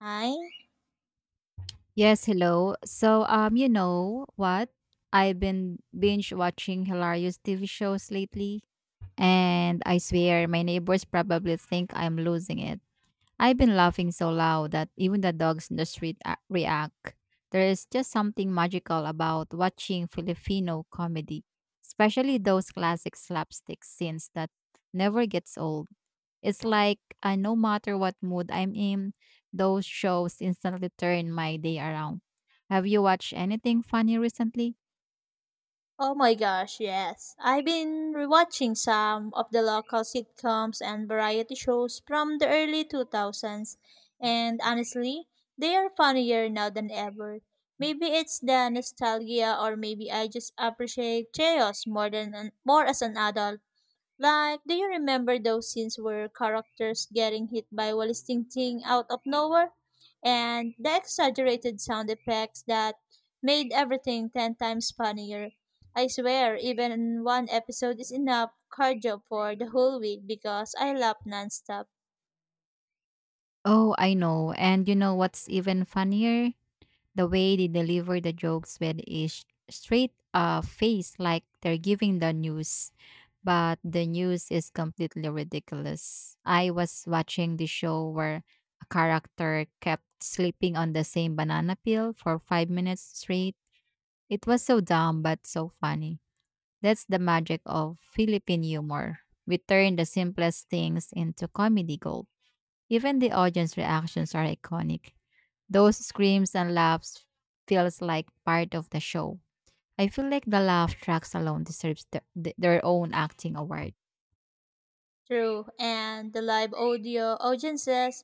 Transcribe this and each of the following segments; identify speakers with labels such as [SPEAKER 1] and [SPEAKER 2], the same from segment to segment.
[SPEAKER 1] Hi.
[SPEAKER 2] Yes, hello. So, you know what? I've been binge watching hilarious TV shows lately, and I swear my neighbors probably think I'm losing it. I've been laughing so loud that even the dogs in the street react. There is just something magical about watching Filipino comedy, especially those classic slapstick scenes that never gets old. It's like no matter what mood I'm in, those shows instantly turn my day around. Have you watched anything funny recently?
[SPEAKER 1] Oh my gosh, yes. I've been rewatching some of the local sitcoms and variety shows from the early 2000s, and honestly, they are funnier now than ever. Maybe it's the nostalgia or maybe I just appreciate chaos more more as an adult. Like, do you remember those scenes where characters getting hit by Wallisting Ting out of nowhere? And the exaggerated sound effects that made everything 10 times funnier. I swear, even one episode is enough cardio for the whole week because I laugh nonstop.
[SPEAKER 2] Oh, I know. And you know what's even funnier? The way they deliver the jokes with a straight face, like they're giving the news. But the news is completely ridiculous. I was watching the show where a character kept sleeping on the same banana peel for five minutes straight. It was so dumb but so funny. That's the magic of Philippine humor. We turn the simplest things into comedy gold. Even the audience reactions are iconic. Those screams and laughs feels like part of the show. I feel like the laugh tracks alone deserves their own acting award.
[SPEAKER 1] True, and the live audio audiences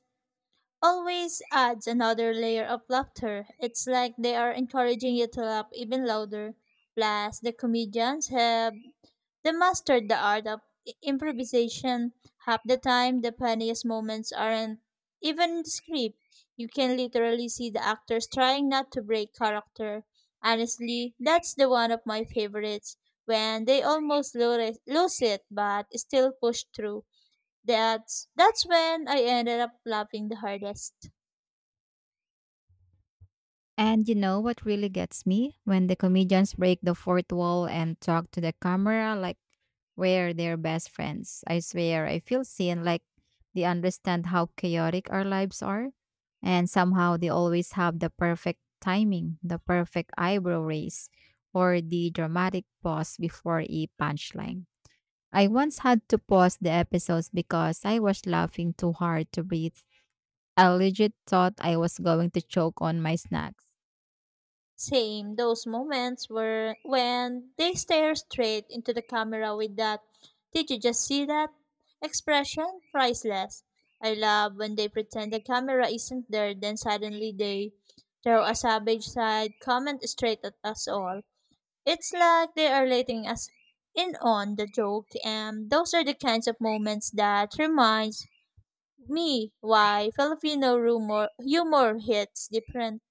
[SPEAKER 1] always adds another layer of laughter. It's like they are encouraging you to laugh even louder. Plus, the comedians have they mastered the art of improvisation. Half the time, the funniest moments aren't even in the script. You can literally see the actors trying not to break character. Honestly, that's the one of my favorites when they almost lose it but still push through. That's when I ended up laughing the hardest.
[SPEAKER 2] And you know what really gets me? When the comedians break the fourth wall and talk to the camera like we're their best friends. I swear, I feel seen like they understand how chaotic our lives are. And somehow they always have the perfect timing, the perfect eyebrow raise, or the dramatic pause before a punchline. I once had to pause the episodes because I was laughing too hard to breathe. I legit thought I was going to choke on my snacks.
[SPEAKER 1] Same those moments were when they stare straight into the camera with that did you just see that expression? Priceless. I love when they pretend the camera isn't there then suddenly they throw a savage side comment straight at us all. It's like they are letting us in on the joke and those are the kinds of moments that reminds me, why Filipino humor hits different.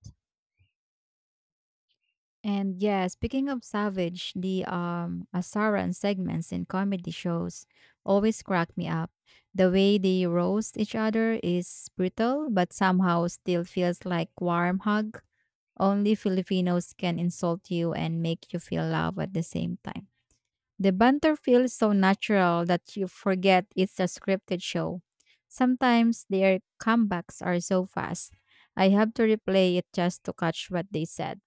[SPEAKER 2] And yeah, speaking of savage, the Asaran segments in comedy shows always crack me up. The way they roast each other is brutal, but somehow still feels like warm hug. Only Filipinos can insult you and make you feel love at the same time. The banter feels so natural that you forget it's a scripted show. Sometimes their comebacks are so fast. I have to replay it just to catch what they said.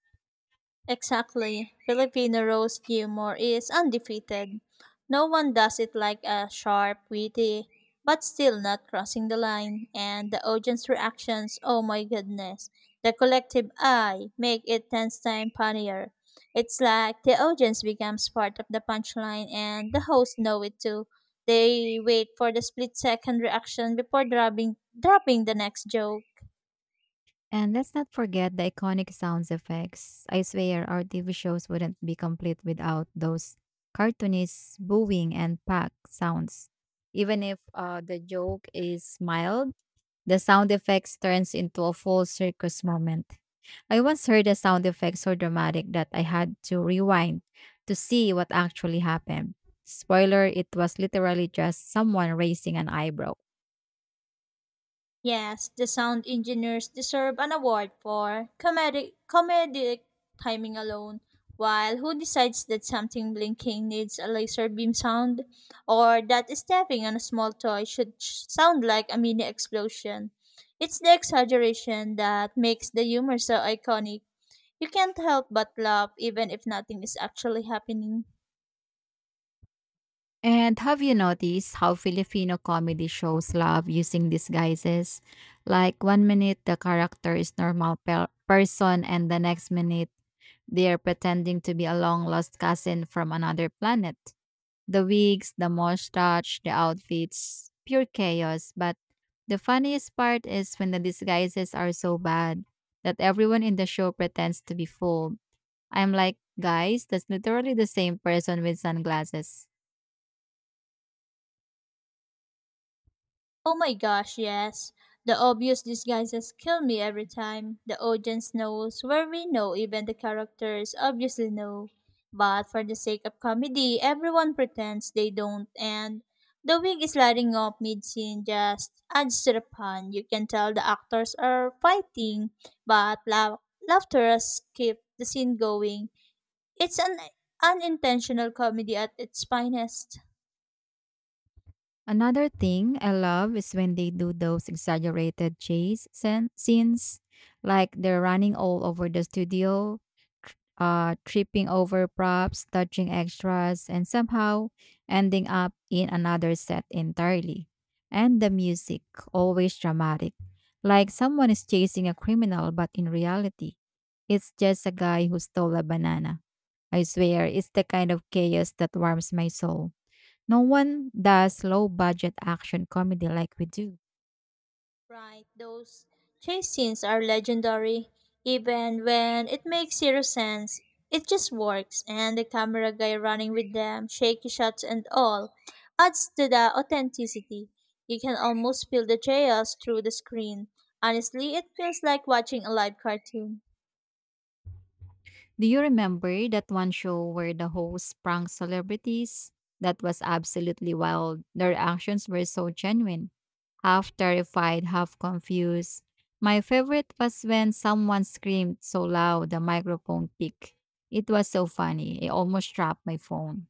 [SPEAKER 1] Exactly. Filipino roast humor is undefeated. No one does it like a sharp, witty, but still not crossing the line. And the audience reactions, oh my goodness. The collective eye make it 10 times funnier. It's like the audience becomes part of the punchline and the hosts know it too. They wait for the split second reaction before dropping the next joke.
[SPEAKER 2] And let's not forget the iconic sound effects. I swear our TV shows wouldn't be complete without those cartoonists booing and pack sounds. Even if the joke is mild, the sound effects turns into a full circus moment. I once heard a sound effect so dramatic that I had to rewind to see what actually happened. Spoiler, it was literally just someone raising an eyebrow.
[SPEAKER 1] Yes, the sound engineers deserve an award for comedic timing alone. While who decides that something blinking needs a laser beam sound, or that stepping on a small toy should sound like a mini explosion? It's the exaggeration that makes the humor so iconic. You can't help but laugh even if nothing is actually happening.
[SPEAKER 2] And have you noticed how Filipino comedy shows love using disguises? Like one minute the character is normal person and the next minute they're pretending to be a long lost cousin from another planet. The wigs, the mustache, the outfits, pure chaos. But the funniest part is when the disguises are so bad that everyone in the show pretends to be fooled. I'm like, guys, that's literally the same person with sunglasses.
[SPEAKER 1] Oh my gosh, yes. The obvious disguises kill me every time. The audience knows where we know even the characters obviously know. But for the sake of comedy, everyone pretends they don't and the wig is sliding off mid-scene just adds to the fun. You can tell the actors are fighting, but laughter has kept the scene going. It's an unintentional comedy at its finest.
[SPEAKER 2] Another thing I love is when they do those exaggerated chase scenes, like they're running all over the studio, tripping over props, touching extras, and somehow ending up in another set entirely. And the music, always dramatic, like someone is chasing a criminal, but in reality, it's just a guy who stole a banana. I swear, it's the kind of chaos that warms my soul. No one does low budget action comedy like we do.
[SPEAKER 1] Right, those chase scenes are legendary, even when it makes zero sense. It just works, and the camera guy running with them, shaky shots and all, adds to the authenticity. You can almost feel the chaos through the screen. Honestly, it feels like watching a live cartoon.
[SPEAKER 2] Do you remember that one show where the hosts pranked celebrities? That was absolutely wild. Their actions were so genuine. Half terrified, half confused. My favorite was when someone screamed so loud the microphone picked. It was so funny. I almost dropped my phone.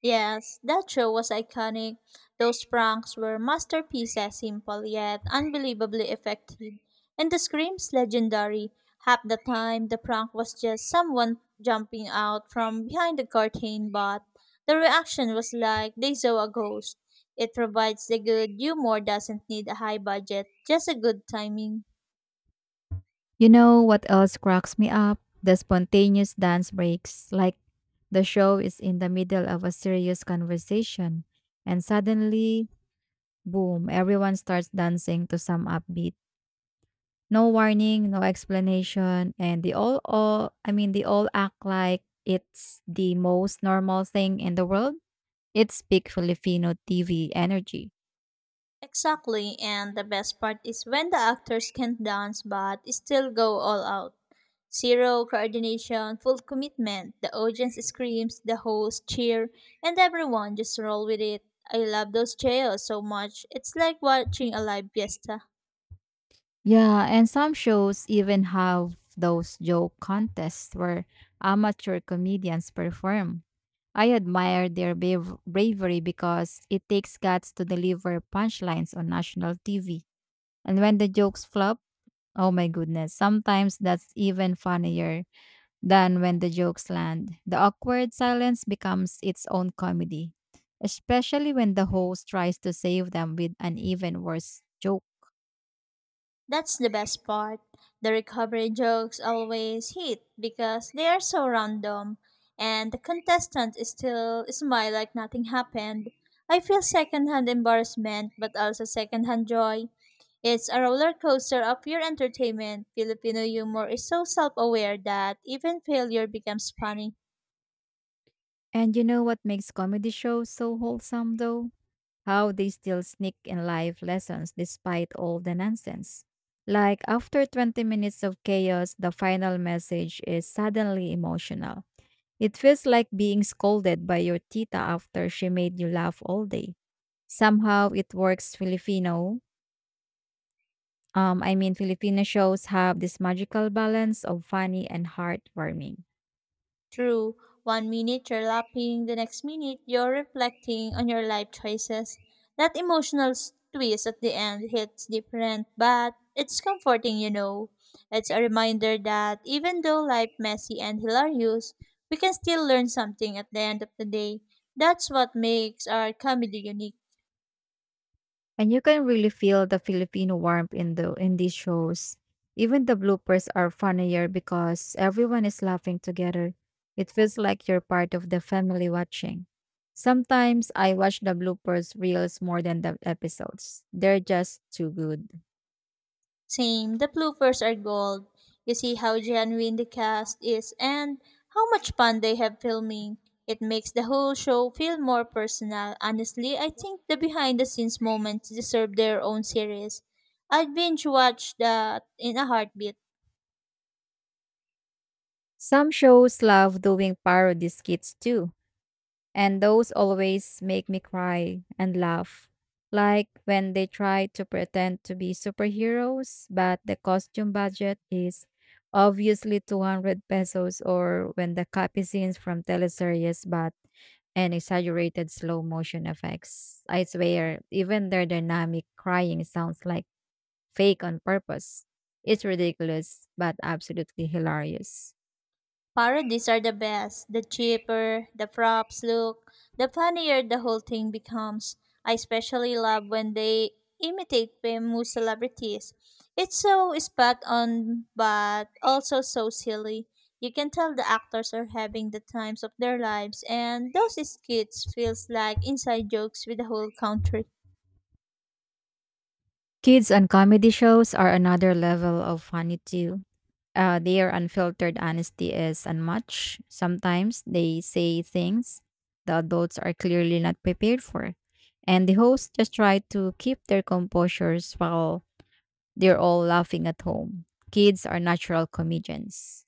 [SPEAKER 1] Yes, that show was iconic. Those pranks were masterpieces, simple yet unbelievably effective. And the screams legendary. Half the time, the prank was just someone jumping out from behind the curtain, but the reaction was like they saw a ghost. It provides the good humor doesn't need a high budget, just a good timing.
[SPEAKER 2] You know what else cracks me up? The spontaneous dance breaks. Like the show is in the middle of a serious conversation, and suddenly, boom, everyone starts dancing to some upbeat. No warning, no explanation, and they all I mean, they all act like it's the most normal thing in the world. It's big Filipino TV energy.
[SPEAKER 1] Exactly, and the best part is when the actors can not dance but still go all out. Zero coordination, full commitment. The audience screams, the host cheer, and everyone just roll with it. I love those chaos so much. It's like watching a live fiesta.
[SPEAKER 2] Yeah, and some shows even have those joke contests where amateur comedians perform. I admire their bravery because it takes guts to deliver punchlines on national TV. And when the jokes flop, oh my goodness, sometimes that's even funnier than when the jokes land. The awkward silence becomes its own comedy, especially when the host tries to save them with an even worse joke.
[SPEAKER 1] That's the best part. The recovery jokes always hit because they are so random, and the contestant is still smile like nothing happened. I feel secondhand embarrassment, but also secondhand joy. It's a roller coaster of pure entertainment. Filipino humor is so self aware that even failure becomes funny.
[SPEAKER 2] And you know what makes comedy shows so wholesome, though? How they still sneak in life lessons despite all the nonsense. Like, after 20 minutes of chaos, the final message is suddenly emotional. It feels like being scolded by your tita after she made you laugh all day. Somehow it works Filipino. Filipino shows have this magical balance of funny and heartwarming.
[SPEAKER 1] True, one minute you're laughing, the next minute you're reflecting on your life choices. That emotional twist at the end hits different, but it's comforting, you know. It's a reminder that even though life messy and hilarious, we can still learn something at the end of the day. That's what makes our comedy unique.
[SPEAKER 2] And you can really feel the Filipino warmth in these shows. Even the bloopers are funnier because everyone is laughing together. It feels like you're part of the family watching. Sometimes I watch the bloopers reels more than the episodes. They're just too good.
[SPEAKER 1] Same, the bloopers are gold. You see how genuine the cast is and how much fun they have filming. It makes the whole show feel more personal. Honestly, I think the behind the scenes moments deserve their own series. I'd binge watch that in a heartbeat.
[SPEAKER 2] Some shows love doing parody skits too. And those always make me cry and laugh. Like when they try to pretend to be superheroes, but the costume budget is obviously 200 pesos, or when the copy scenes from teleseries, but an exaggerated slow motion effects. I swear, even their dynamic crying sounds like fake on purpose. It's ridiculous, but absolutely hilarious.
[SPEAKER 1] Parodies are the best. The cheaper the props look, the funnier the whole thing becomes. I especially love when they imitate famous celebrities. It's so spot on, but also so silly. You can tell the actors are having the times of their lives, and those skits feels like inside jokes with the whole country.
[SPEAKER 2] Kids on comedy shows are another level of funny too. Their unfiltered honesty is unmatched. Sometimes they say things the adults are clearly not prepared for, and the hosts just try to keep their composures while they're all laughing at home. Kids are natural comedians.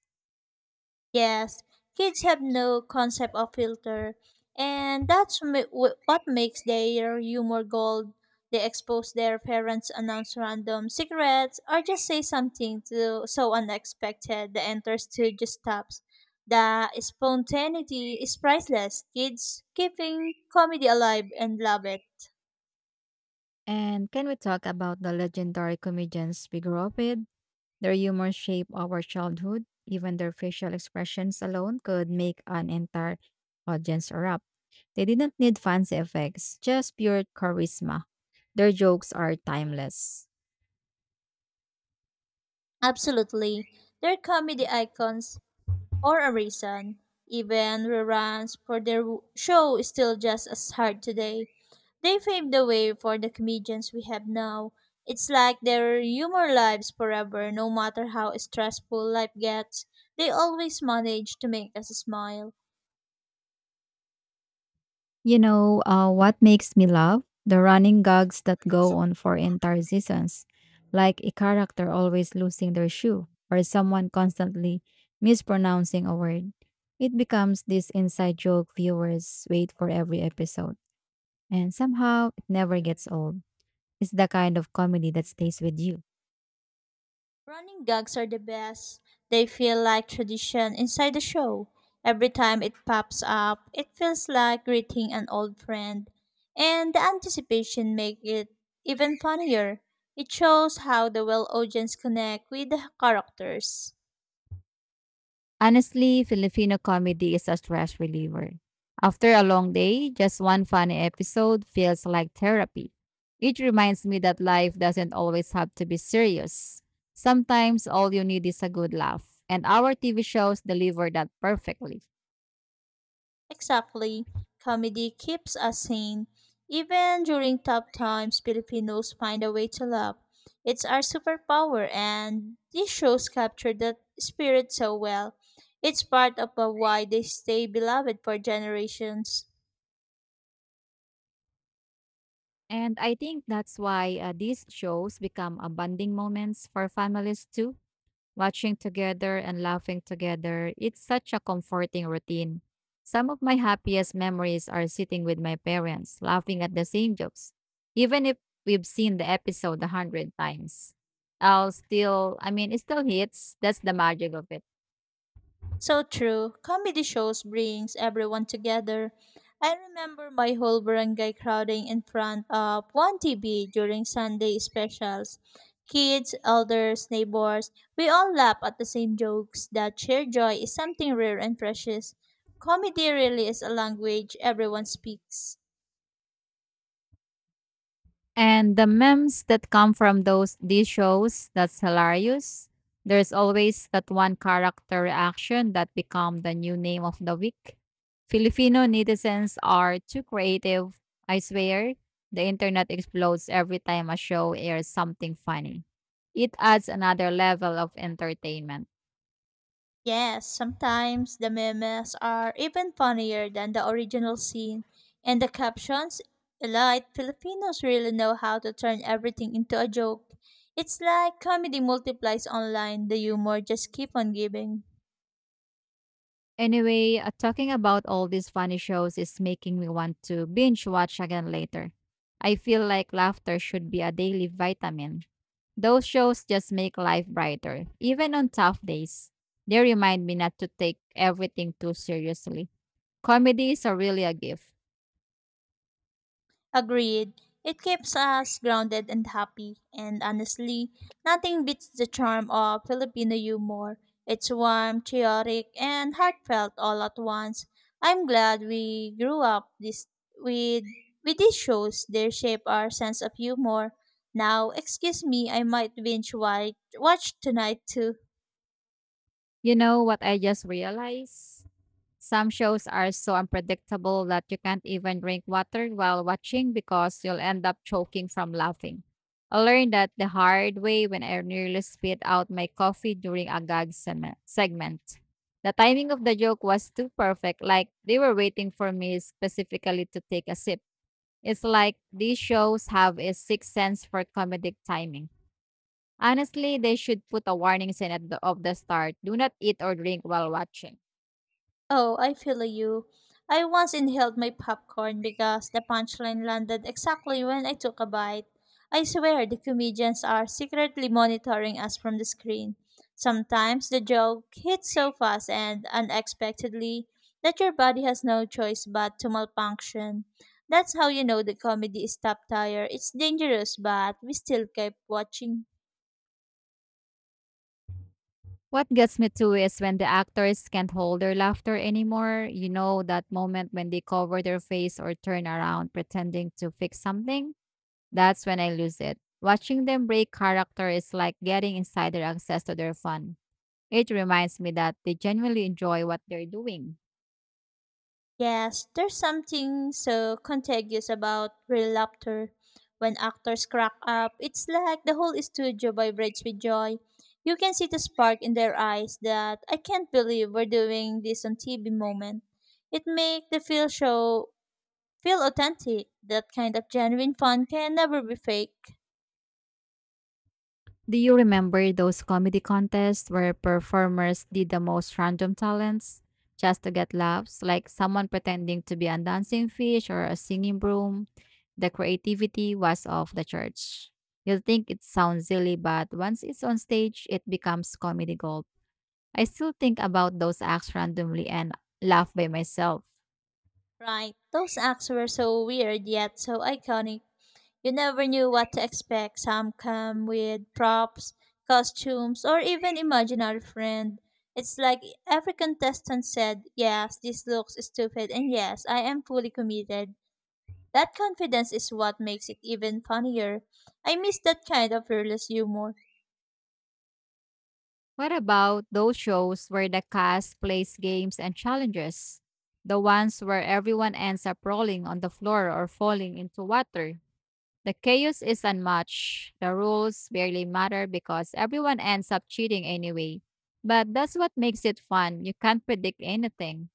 [SPEAKER 1] Yes, kids have no concept of filter, and that's what makes their humor gold. They expose their parents, announce random secrets, or just say something so unexpected the enter to just stops. The spontaneity is priceless. Kids keeping comedy alive and love it.
[SPEAKER 2] And can we talk about the legendary comedians we grew up with? Their humor shaped our childhood. Even their facial expressions alone could make an entire audience erupt. They didn't need fancy effects, just pure charisma. Their jokes are timeless.
[SPEAKER 1] Absolutely. They're comedy icons for a reason. Even reruns for their show is still just as hard today. They paved the way for the comedians we have now. It's like their humor lives forever, no matter how stressful life gets. They always manage to make us smile.
[SPEAKER 2] You know, what makes me laugh? The running gags that go on for entire seasons, like a character always losing their shoe or someone constantly mispronouncing a word. It becomes this inside joke viewers wait for every episode, and somehow it never gets old. It's the kind of comedy that stays with you.
[SPEAKER 1] Running gags are the best. They feel like tradition inside the show. Every time it pops up, it feels like greeting an old friend. And the anticipation makes it even funnier. It shows how the well audience connect with the characters.
[SPEAKER 2] Honestly, Filipino comedy is a stress reliever. After a long day, just one funny episode feels like therapy. It reminds me that life doesn't always have to be serious. Sometimes all you need is a good laugh, and our TV shows deliver that perfectly.
[SPEAKER 1] Exactly. Comedy keeps us sane. Even during tough times, Filipinos find a way to laugh. It's our superpower, and these shows capture that spirit so well. It's part of why they stay beloved for generations.
[SPEAKER 2] And I think that's why these shows become a bonding moments for families too. Watching together and laughing together. It's such a comforting routine. Some of my happiest memories are sitting with my parents, laughing at the same jokes. Even if we've seen the episode a hundred times, I'll still, I mean, it still hits. That's the magic of it.
[SPEAKER 1] So true. Comedy shows brings everyone together. I remember my whole barangay crowding in front of one TV during Sunday specials. Kids, elders, neighbors, we all laugh at the same jokes. That shared joy is something rare and precious. Comedy really is a language everyone speaks.
[SPEAKER 2] And the memes that come from those these shows, that's hilarious. There's always that one character reaction that become the new name of the week. Filipino netizens are too creative, I swear. The internet explodes every time a show airs something funny. It adds another level of entertainment.
[SPEAKER 1] Yes, sometimes the memes are even funnier than the original scene, and the captions, elite Filipinos really know how to turn everything into a joke. It's like comedy multiplies online, the humor just keep on giving.
[SPEAKER 2] Anyway, talking about all these funny shows is making me want to binge watch again later. I feel like laughter should be a daily vitamin. Those shows just make life brighter, even on tough days. They remind me not to take everything too seriously. Comedy is a really a gift.
[SPEAKER 1] Agreed. It keeps us grounded and happy, and honestly, nothing beats the charm of Filipino humor. It's warm, chaotic, and heartfelt all at once. I'm glad we grew up this with with these shows. They shape our sense of humor. Now, excuse me, I might watch tonight too.
[SPEAKER 2] You know what I just realized? Some shows are so unpredictable that you can't even drink water while watching because you'll end up choking from laughing. I learned that the hard way when I nearly spit out my coffee during a segment. The timing of the joke was too perfect, like they were waiting for me specifically to take a sip. It's like these shows have a sixth sense for comedic timing. Honestly, they should put a warning sign at of the start, do not eat or drink while watching.
[SPEAKER 1] Oh, I feel you. I once inhaled my popcorn because the punchline landed exactly when I took a bite. I swear the comedians are secretly monitoring us from the screen. Sometimes the joke hits so fast and unexpectedly that your body has no choice but to malfunction. That's how you know the comedy is top tier. It's dangerous, but we still keep watching.
[SPEAKER 2] What gets me too is when the actors can't hold their laughter anymore. You know, that moment when they cover their face or turn around pretending to fix something? That's when I lose it. Watching them break character is like getting insider access to their fun. It reminds me that they genuinely enjoy what they're doing.
[SPEAKER 1] Yes, there's something so contagious about real laughter. When actors crack up, it's like the whole studio vibrates with joy. You can see the spark in their eyes that I can't believe we're doing this on TV moment. It makes the feel show feel authentic. That kind of genuine fun can never be fake.
[SPEAKER 2] Do you remember those comedy contests where performers did the most random talents just to get laughs, like someone pretending to be a dancing fish or a singing broom? The creativity was off the church. You'll think it sounds silly, but once it's on stage, it becomes comedy gold. I still think about those acts randomly and laugh by myself.
[SPEAKER 1] Right. Those acts were so weird yet so iconic. You never knew what to expect. Some come with props, costumes, or even imaginary friend. It's like every contestant said, yes, this looks stupid, and yes, I am fully committed. That confidence is what makes it even funnier. I miss that kind of fearless humor.
[SPEAKER 2] What about those shows where the cast plays games and challenges? The ones where everyone ends up rolling on the floor or falling into water? The chaos is unmatched. The rules barely matter because everyone ends up cheating anyway. But that's what makes it fun. You can't predict anything.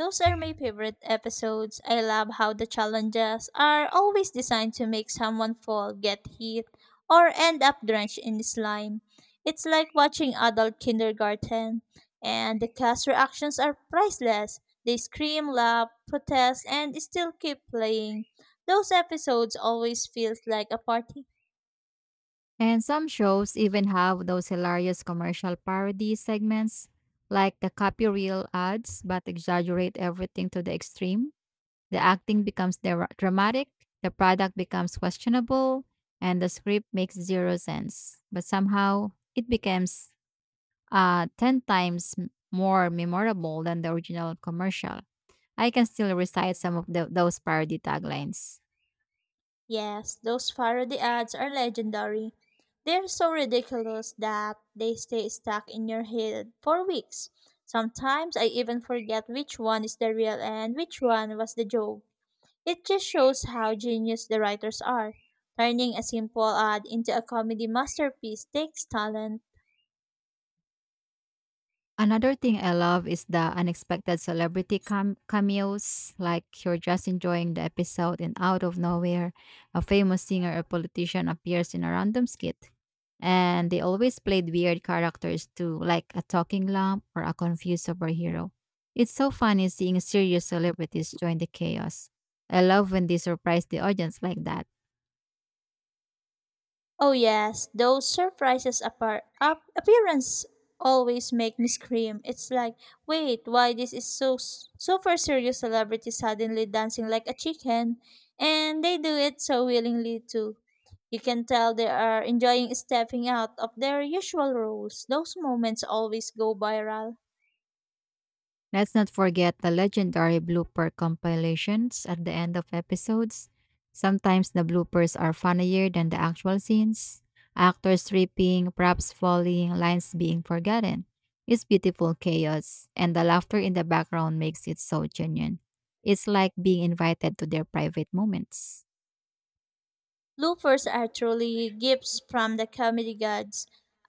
[SPEAKER 1] Those are my favorite episodes. I love how the challenges are always designed to make someone fall, get hit, or end up drenched in slime. It's like watching adult kindergarten, and the cast reactions are priceless. They scream, laugh, protest, and still keep playing. Those episodes always feels like a party.
[SPEAKER 2] And some shows even have those hilarious commercial parody segments, like the copy reel ads, but exaggerate everything to the extreme. The acting becomes dramatic, the product becomes questionable, and the script makes zero sense. But somehow, it becomes 10 times more memorable than the original commercial. I can still recite some of those parody taglines.
[SPEAKER 1] Yes, those parody ads are legendary. They're so ridiculous that they stay stuck in your head for weeks. Sometimes I even forget which one is the real and which one was the joke. It just shows how genius the writers are. Turning a simple ad into a comedy masterpiece takes talent.
[SPEAKER 2] Another thing I love is the unexpected celebrity cameos, like you're just enjoying the episode and out of nowhere, a famous singer or politician appears in a random skit. And they always played weird characters too, like a talking lamp or a confused superhero. It's so funny seeing serious celebrities join the chaos. I love when they surprise the audience like that.
[SPEAKER 1] Oh yes, those appearance always make me scream. It's like, wait, why this is so super serious celebrity suddenly dancing like a chicken, and they do it so willingly too. You can tell they are enjoying stepping out of their usual roles. Those moments always go viral.
[SPEAKER 2] Let's not forget the legendary blooper compilations at the end of episodes. Sometimes the bloopers are funnier than the actual scenes. Actors tripping, props falling, lines being forgotten. It's beautiful chaos, and the laughter in the background makes it so genuine. It's like being invited to their private moments.
[SPEAKER 1] Loopers are truly gifts from the comedy gods.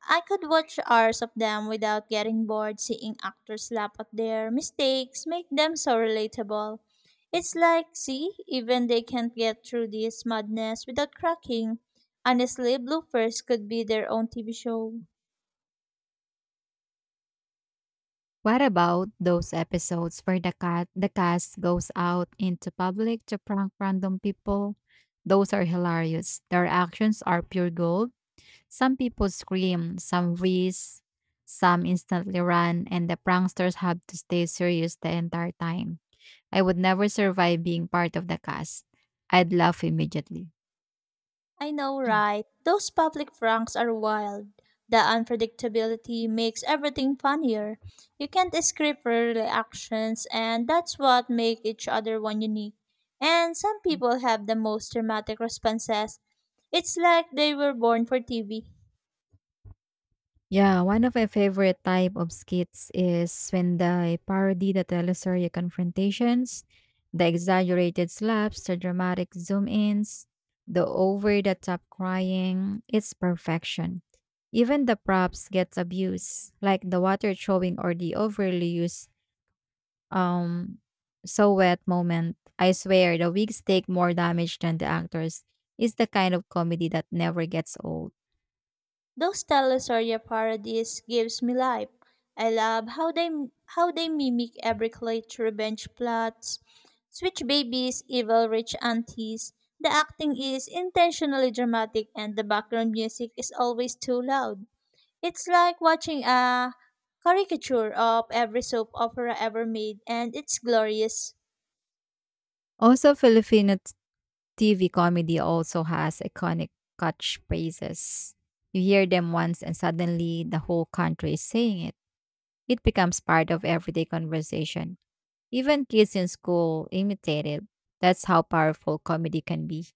[SPEAKER 1] I could watch hours of them without getting bored seeing actors laugh at their mistakes, make them so relatable. It's like, see, even they can't get through this madness without cracking. Honestly, bloopers could be their own TV show.
[SPEAKER 2] What about those episodes where the cat the cast goes out into public to prank random people? Those are hilarious. Their actions are pure gold. Some people scream, some wheeze, some instantly run, and the pranksters have to stay serious the entire time. I would never survive being part of the cast. I'd laugh immediately.
[SPEAKER 1] I know, right? Those public pranks are wild. The unpredictability makes everything funnier. You can't script your reactions, and that's what makes each other one unique. And some people have the most dramatic responses. It's like they were born for TV.
[SPEAKER 2] Yeah, one of my favorite type of skits is when they parody the teleserye confrontations, the exaggerated slaps, the dramatic zoom-ins, the over-the-top crying. It's perfection. Even the props gets abused, like the water throwing or the overly used um so wet moment. I swear the wigs take more damage than the actors. It's the kind of comedy that never gets old.
[SPEAKER 1] Those telestoria parodies gives me life. I love how they mimic every clutch revenge plots, switch babies, evil rich aunties. The acting is intentionally dramatic and the background music is always too loud. It's like watching a caricature of every soap opera ever made and it's glorious.
[SPEAKER 2] Also, Filipino TV comedy also has iconic catchphrases. You hear them once and suddenly the whole country is saying it. It becomes part of everyday conversation. Even kids in school imitate it. That's how powerful comedy can be.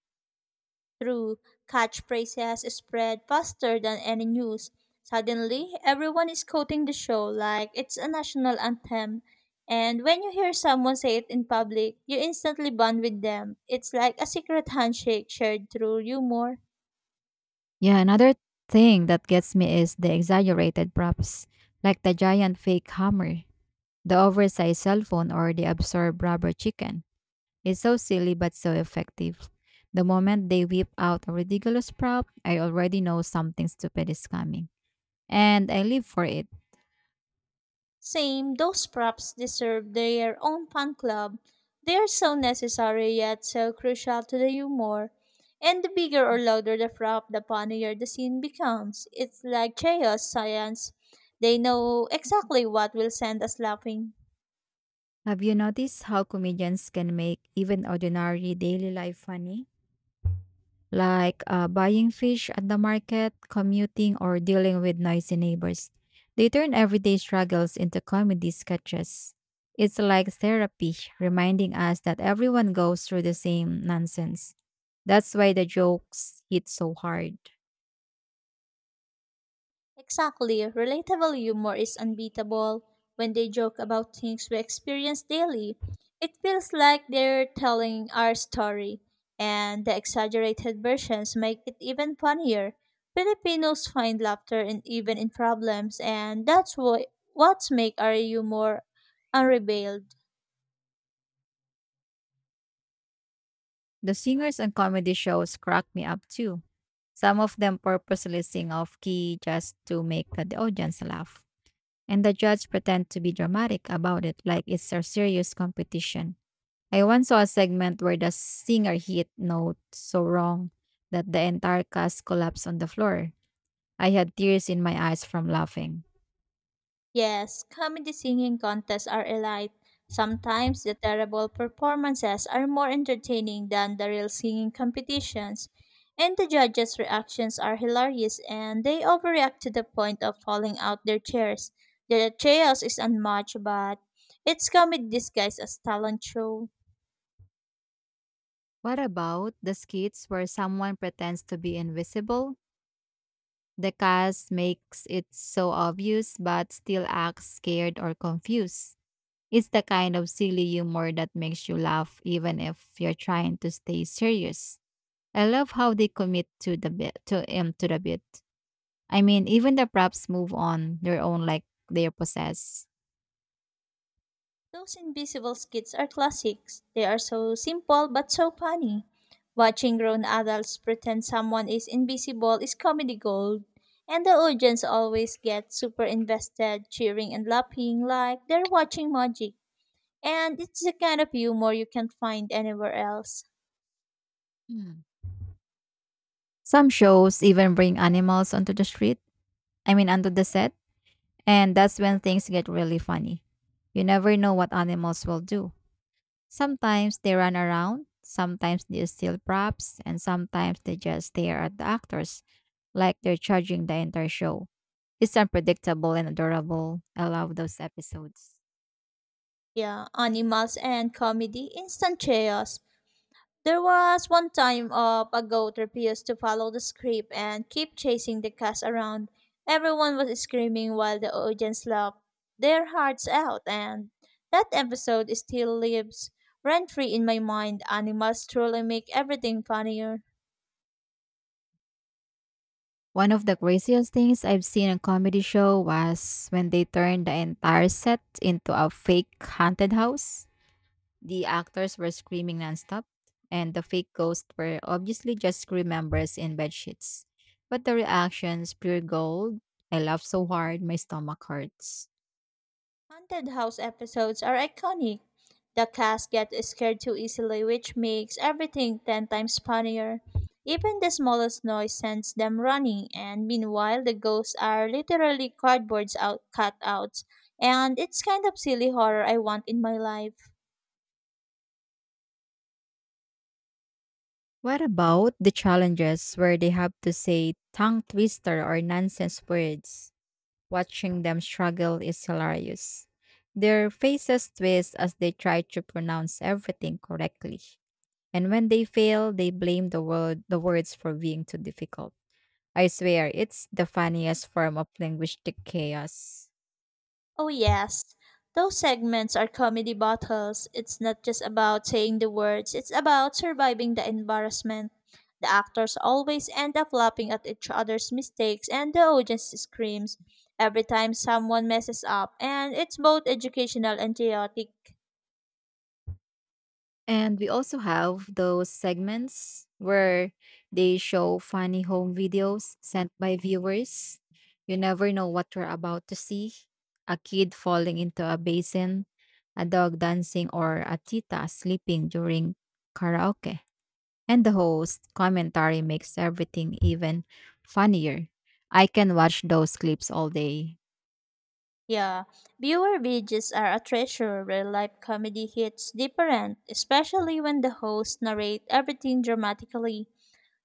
[SPEAKER 1] Through catchphrase has spread faster than any news. Suddenly, everyone is quoting the show like it's a national anthem. And when you hear someone say it in public, you instantly bond with them. It's like a secret handshake shared through humor.
[SPEAKER 2] Yeah, another thing that gets me is the exaggerated props, like the giant fake hammer, the oversized cell phone, or the absurd rubber chicken. It's so silly but so effective. The moment they whip out a ridiculous prop, I already know something stupid is coming. And I live for it.
[SPEAKER 1] Same, those props deserve their own fan club. They are so necessary yet so crucial to the humor. And the bigger or louder the prop, the funnier the scene becomes. It's like chaos science. They know exactly what will send us laughing.
[SPEAKER 2] Have you noticed how comedians can make even ordinary daily life funny? Like buying fish at the market, commuting, or dealing with noisy neighbors. They turn everyday struggles into comedy sketches. It's like therapy, reminding us that everyone goes through the same nonsense. That's why the jokes hit so hard.
[SPEAKER 1] Exactly, relatable humor is unbeatable. When they joke about things we experience daily, it feels like they're telling our story, and the exaggerated versions make it even funnier. Filipinos find laughter in even in problems, and that's what make our humor unrevealed.
[SPEAKER 2] The singers and comedy shows crack me up too. Some of them purposely sing off key just to make the audience laugh. And the judge pretend to be dramatic about it like it's a serious competition. I once saw a segment where the singer hit note so wrong that the entire cast collapsed on the floor. I had tears in my eyes from laughing.
[SPEAKER 1] Yes, comedy singing contests are elite. Sometimes the terrible performances are more entertaining than the real singing competitions, and the judges' reactions are hilarious and they overreact to the point of falling out their chairs. The chaos is unmatched, but it's comedy disguised as talent show.
[SPEAKER 2] What about the skits where someone pretends to be invisible? The cast makes it so obvious but still acts scared or confused. It's the kind of silly humor that makes you laugh even if you're trying to stay serious. I love how they commit to the bit to the bit. I mean, even the props move on their own like they possess.
[SPEAKER 1] Those invisible skits are classics. They are so simple but so funny. Watching grown adults pretend someone is invisible is comedy gold, and the audience always gets super invested, cheering and laughing like they're watching magic. And it's the kind of humor you can't find anywhere else.
[SPEAKER 2] Mm. Some shows even bring animals onto the street, I mean, onto the set, and that's when things get really funny. You never know what animals will do. Sometimes they run around, sometimes they steal props, and sometimes they just stare at the actors like they're charging the entire show. It's unpredictable and adorable. I love those episodes.
[SPEAKER 1] Yeah, animals and comedy, instant chaos. There was one time a goat refused to follow the script and kept chasing the cast around. Everyone was screaming while the audience laughed their hearts out, and that episode still lives rent free in my mind. Animals truly make everything funnier.
[SPEAKER 2] One of the craziest things I've seen on comedy show was when they turned the entire set into a fake haunted house. The actors were screaming nonstop, and the fake ghosts were obviously just crew members in bedsheets. But the reactions, pure gold. I laughed so hard, my stomach hurts.
[SPEAKER 1] Haunted house episodes are iconic. The cast gets scared too easily, which makes everything 10 times funnier. Even the smallest noise sends them running, and meanwhile, the ghosts are literally cutouts. And it's kind of silly horror I want in my life.
[SPEAKER 2] What about the challenges where they have to say tongue twister or nonsense words? Watching them struggle is hilarious. Their faces twist as they try to pronounce everything correctly. And when they fail, they blame the words for being too difficult. I swear, it's the funniest form of linguistic chaos.
[SPEAKER 1] Oh, yes. Those segments are comedy battles. It's not just about saying the words, it's about surviving the embarrassment. The actors always end up laughing at each other's mistakes, and the audience screams every time someone messes up, and it's both educational and chaotic.
[SPEAKER 2] And we also have those segments where they show funny home videos sent by viewers. You never know what we're about to see: a kid falling into a basin, a dog dancing, or a tita sleeping during karaoke. And the host commentary makes everything even funnier. I can watch those clips all day.
[SPEAKER 1] Yeah, viewer videos are a treasure. Real life comedy hits different, especially when the hosts narrate everything dramatically.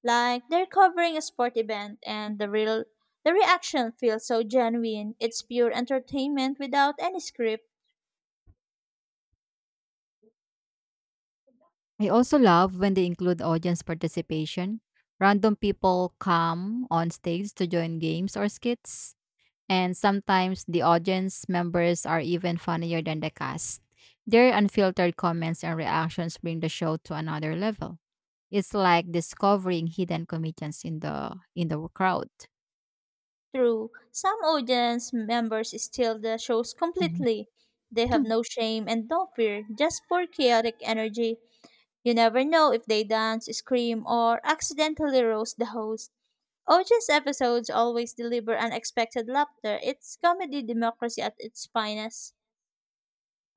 [SPEAKER 1] Like they're covering a sport event and the real the reaction feels so genuine. It's pure entertainment without any script.
[SPEAKER 2] I also love when they include audience participation. Random people come on stage to join games or skits, and sometimes the audience members are even funnier than the cast. Their unfiltered comments and reactions bring the show to another level. It's like discovering hidden comedians in the crowd.
[SPEAKER 1] True, some audience members steal the shows
[SPEAKER 2] Mhm.
[SPEAKER 1] completely. They have no shame and no fear, just pure chaotic energy. You never know if they dance, scream, or accidentally roast the host. Audience episodes always deliver unexpected laughter. It's comedy democracy at its finest.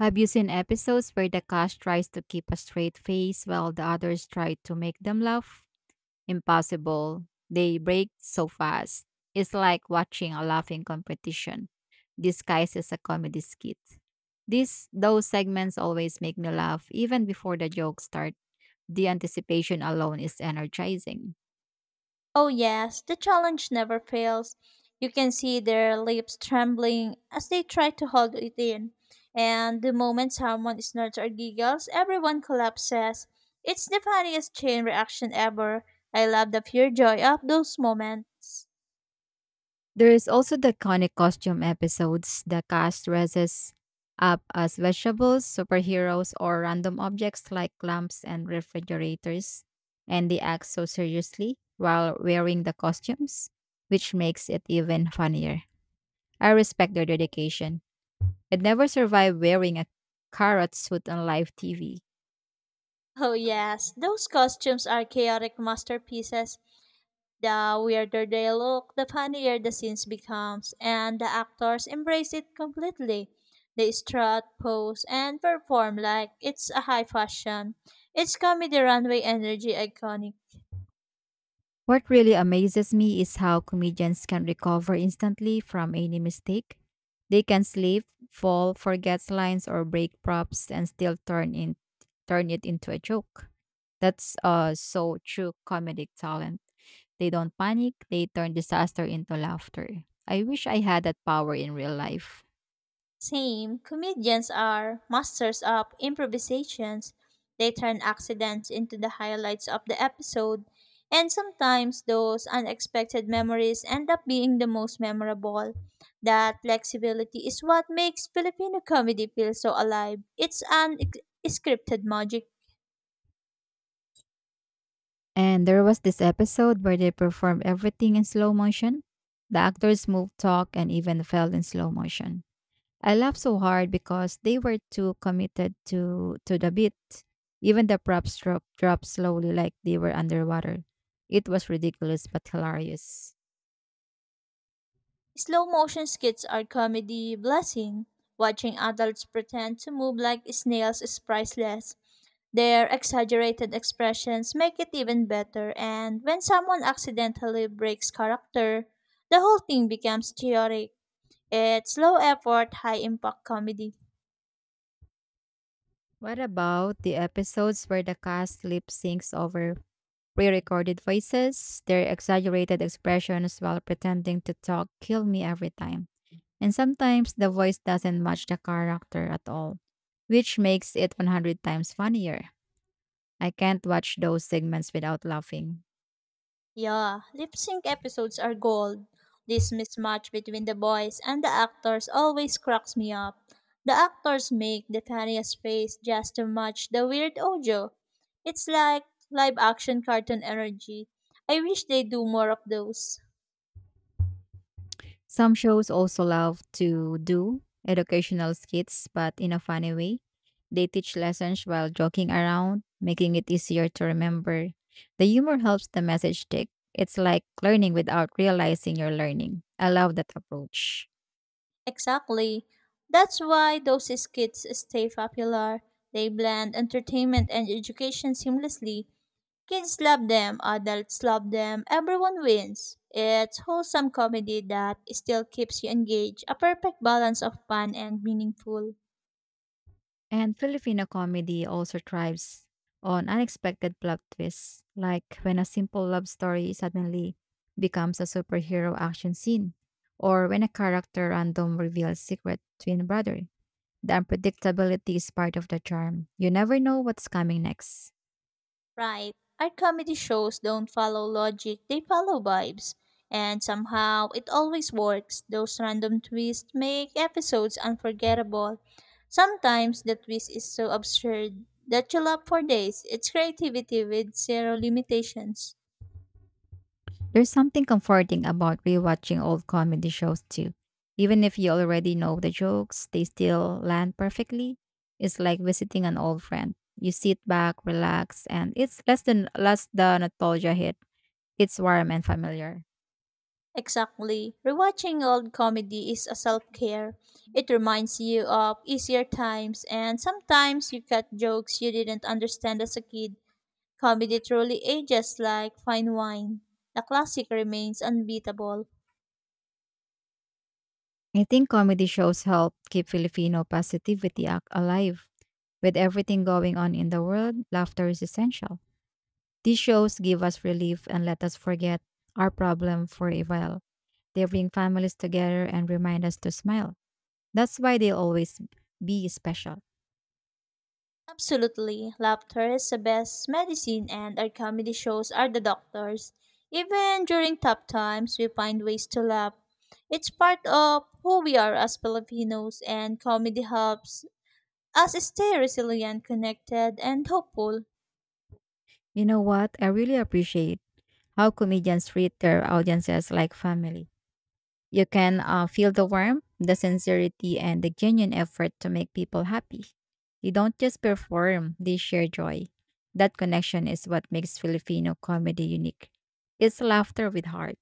[SPEAKER 2] Have you seen episodes where the cast tries to keep a straight face while the others try to make them laugh? Impossible. They break so fast. It's like watching a laughing competition disguised as a comedy skit. These Those segments always make me laugh even before the jokes start. The anticipation alone is energizing.
[SPEAKER 1] Oh, yes, the challenge never fails. You can see their lips trembling as they try to hold it in. And the moment someone snorts or giggles, everyone collapses. It's the funniest chain reaction ever. I love the pure joy of those moments.
[SPEAKER 2] There is also the iconic costume episodes. The cast dresses up as vegetables, superheroes, or random objects like lamps and refrigerators, and they act so seriously while wearing the costumes, which makes it even funnier. I respect their dedication. I'd never survive wearing a carrot suit on live TV.
[SPEAKER 1] Oh, yes, those costumes are chaotic masterpieces. The weirder they look, the funnier the scenes becomes, and the actors embrace it completely. They strut, pose, and perform like it's a high fashion. It's comedy runway energy iconic.
[SPEAKER 2] What really amazes me is how comedians can recover instantly from any mistake. They can slip, fall, forget lines or break props and still turn it into a joke. That's so true comedic talent. They don't panic, they turn disaster into laughter. I wish I had that power in real life.
[SPEAKER 1] Same, comedians are masters of improvisations. They turn accidents into the highlights of the episode, and sometimes those unexpected memories end up being the most memorable. That flexibility is what makes Filipino comedy feel so alive. It's an scripted magic.
[SPEAKER 2] And there was this episode where they performed everything in slow motion. The actors moved, talked, and even fell in slow motion. I laughed so hard because they were too committed to the beat. Even the props dropped slowly like they were underwater. It was ridiculous but hilarious.
[SPEAKER 1] Slow motion skits are comedy blessing. Watching adults pretend to move like snails is priceless. Their exaggerated expressions make it even better, and when someone accidentally breaks character, the whole thing becomes chaotic. It's low effort, high impact comedy.
[SPEAKER 2] What about the episodes where the cast lip syncs over pre-recorded voices? Their exaggerated expressions while pretending to talk kill me every time. And sometimes the voice doesn't match the character at all, which makes it 100 times funnier. I can't watch those segments without laughing.
[SPEAKER 1] Yeah, lip sync episodes are gold. This mismatch between the boys and the actors always cracks me up. The actors make the funniest face just to match the weird audio. It's like live action cartoon energy. I wish they do more of those.
[SPEAKER 2] Some shows also love to do educational skits, but in a funny way. They teach lessons while joking around, making it easier to remember. The humor helps the message stick. It's like learning without realizing you're learning. I love that approach.
[SPEAKER 1] Exactly. That's why those skits stay popular. They blend entertainment and education seamlessly. Kids love them, adults love them, everyone wins. It's wholesome comedy that still keeps you engaged, a perfect balance of fun and meaningful.
[SPEAKER 2] And Filipino comedy also thrives on unexpected plot twists, like when a simple love story suddenly becomes a superhero action scene, or when a character random reveals secret twin brother. The unpredictability is part of the charm. You never know what's coming next.
[SPEAKER 1] Right. Our comedy shows don't follow logic, they follow vibes. And somehow it always works. Those random twists make episodes unforgettable. Sometimes the twist is so absurd that you laugh for days. It's creativity with zero limitations.
[SPEAKER 2] There's something comforting about rewatching old comedy shows too. Even if you already know the jokes, they still land perfectly. It's like visiting an old friend. You sit back, relax, and it's less than less the nostalgia hit. It's warm and familiar.
[SPEAKER 1] Exactly. Rewatching old comedy is a self care. It reminds you of easier times, and sometimes you cut jokes you didn't understand as a kid. Comedy truly ages like fine wine. The classic remains unbeatable.
[SPEAKER 2] I think comedy shows help keep Filipino positivity alive. With everything going on in the world, laughter is essential. These shows give us relief and let us forget our problem for a while. They bring families together and remind us to smile. That's why they always be special.
[SPEAKER 1] Absolutely, laughter is the best medicine, and our comedy shows are the doctors. Even during tough times, we find ways to laugh. It's part of who we are as Filipinos, and comedy helps us stay resilient, connected, and hopeful.
[SPEAKER 2] You know what? I really appreciate how comedians treat their audiences like family. You can feel the warmth, the sincerity, and the genuine effort to make people happy. They don't just perform, they share joy. That connection is what makes Filipino comedy unique. It's laughter with heart.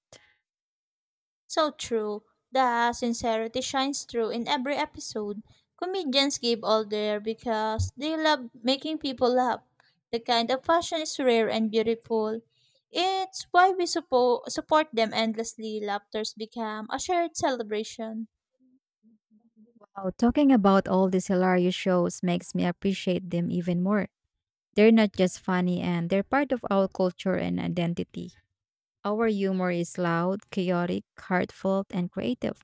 [SPEAKER 1] So true. The sincerity shines through in every episode. Comedians give all there because they love making people laugh. The kind of passion is rare and beautiful. It's why we support them endlessly. Laughters become a shared celebration.
[SPEAKER 2] Oh, talking about all these hilarious shows makes me appreciate them even more. They're not just funny and they're part of our culture and identity. Our humor is loud, chaotic, heartfelt, and creative,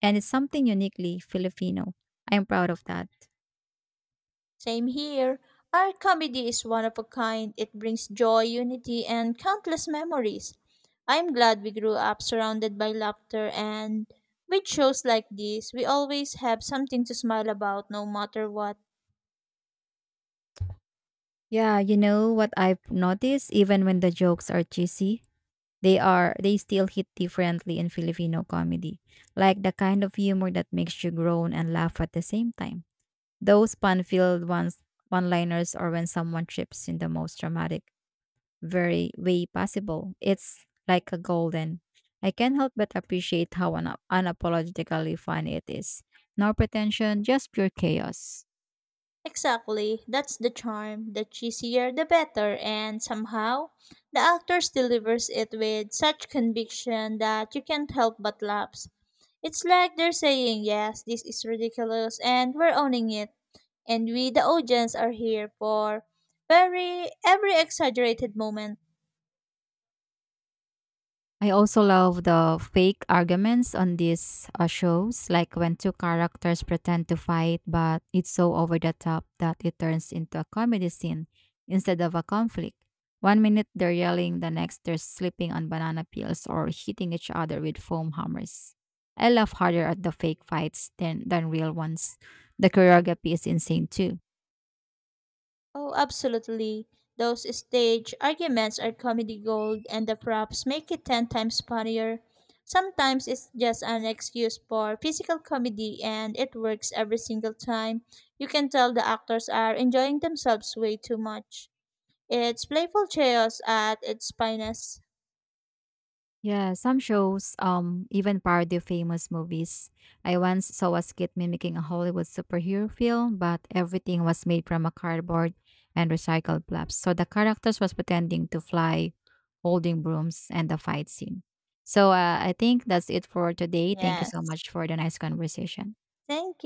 [SPEAKER 2] and it's something uniquely Filipino. I'm proud of that.
[SPEAKER 1] Same here. Our comedy is one of a kind. It brings joy, unity, and countless memories. I'm glad we grew up surrounded by laughter, and with shows like this, we always have something to smile about no matter what.
[SPEAKER 2] Yeah, you know what I've noticed even when the jokes are cheesy, they still hit differently in Filipino comedy. Like the kind of humor that makes you groan and laugh at the same time. Those fun-filled ones, one-liners, or when someone trips in the most dramatic, very way possible. It's like a golden. I can't help but appreciate how unapologetically fun it is. No pretension, just pure chaos.
[SPEAKER 1] Exactly, that's the charm. The cheesier the better, and somehow the actors delivers it with such conviction that you can't help but laugh. It's like they're saying, "Yes, this is ridiculous, and we're owning it." And we, the audience, are here for very every exaggerated moment.
[SPEAKER 2] I also love the fake arguments on these shows, like when two characters pretend to fight, but it's so over the top that it turns into a comedy scene instead of a conflict. One minute they're yelling, the next they're slipping on banana peels or hitting each other with foam hammers. I laugh harder at the fake fights than real ones. The choreography is insane too.
[SPEAKER 1] Oh, absolutely. Those stage arguments are comedy gold, and the props make it 10 times funnier. Sometimes it's just an excuse for physical comedy, and it works every single time. You can tell the actors are enjoying themselves way too much. It's playful chaos at its finest.
[SPEAKER 2] Yeah, some shows even parody famous movies. I once saw a skit mimicking a Hollywood superhero film, but everything was made from a cardboard and recycled flaps. So the characters was pretending to fly, holding brooms, and the fight scene. So I think that's it for today. Thank you so
[SPEAKER 1] Yes.
[SPEAKER 2] much for the nice conversation.
[SPEAKER 1] Thank you.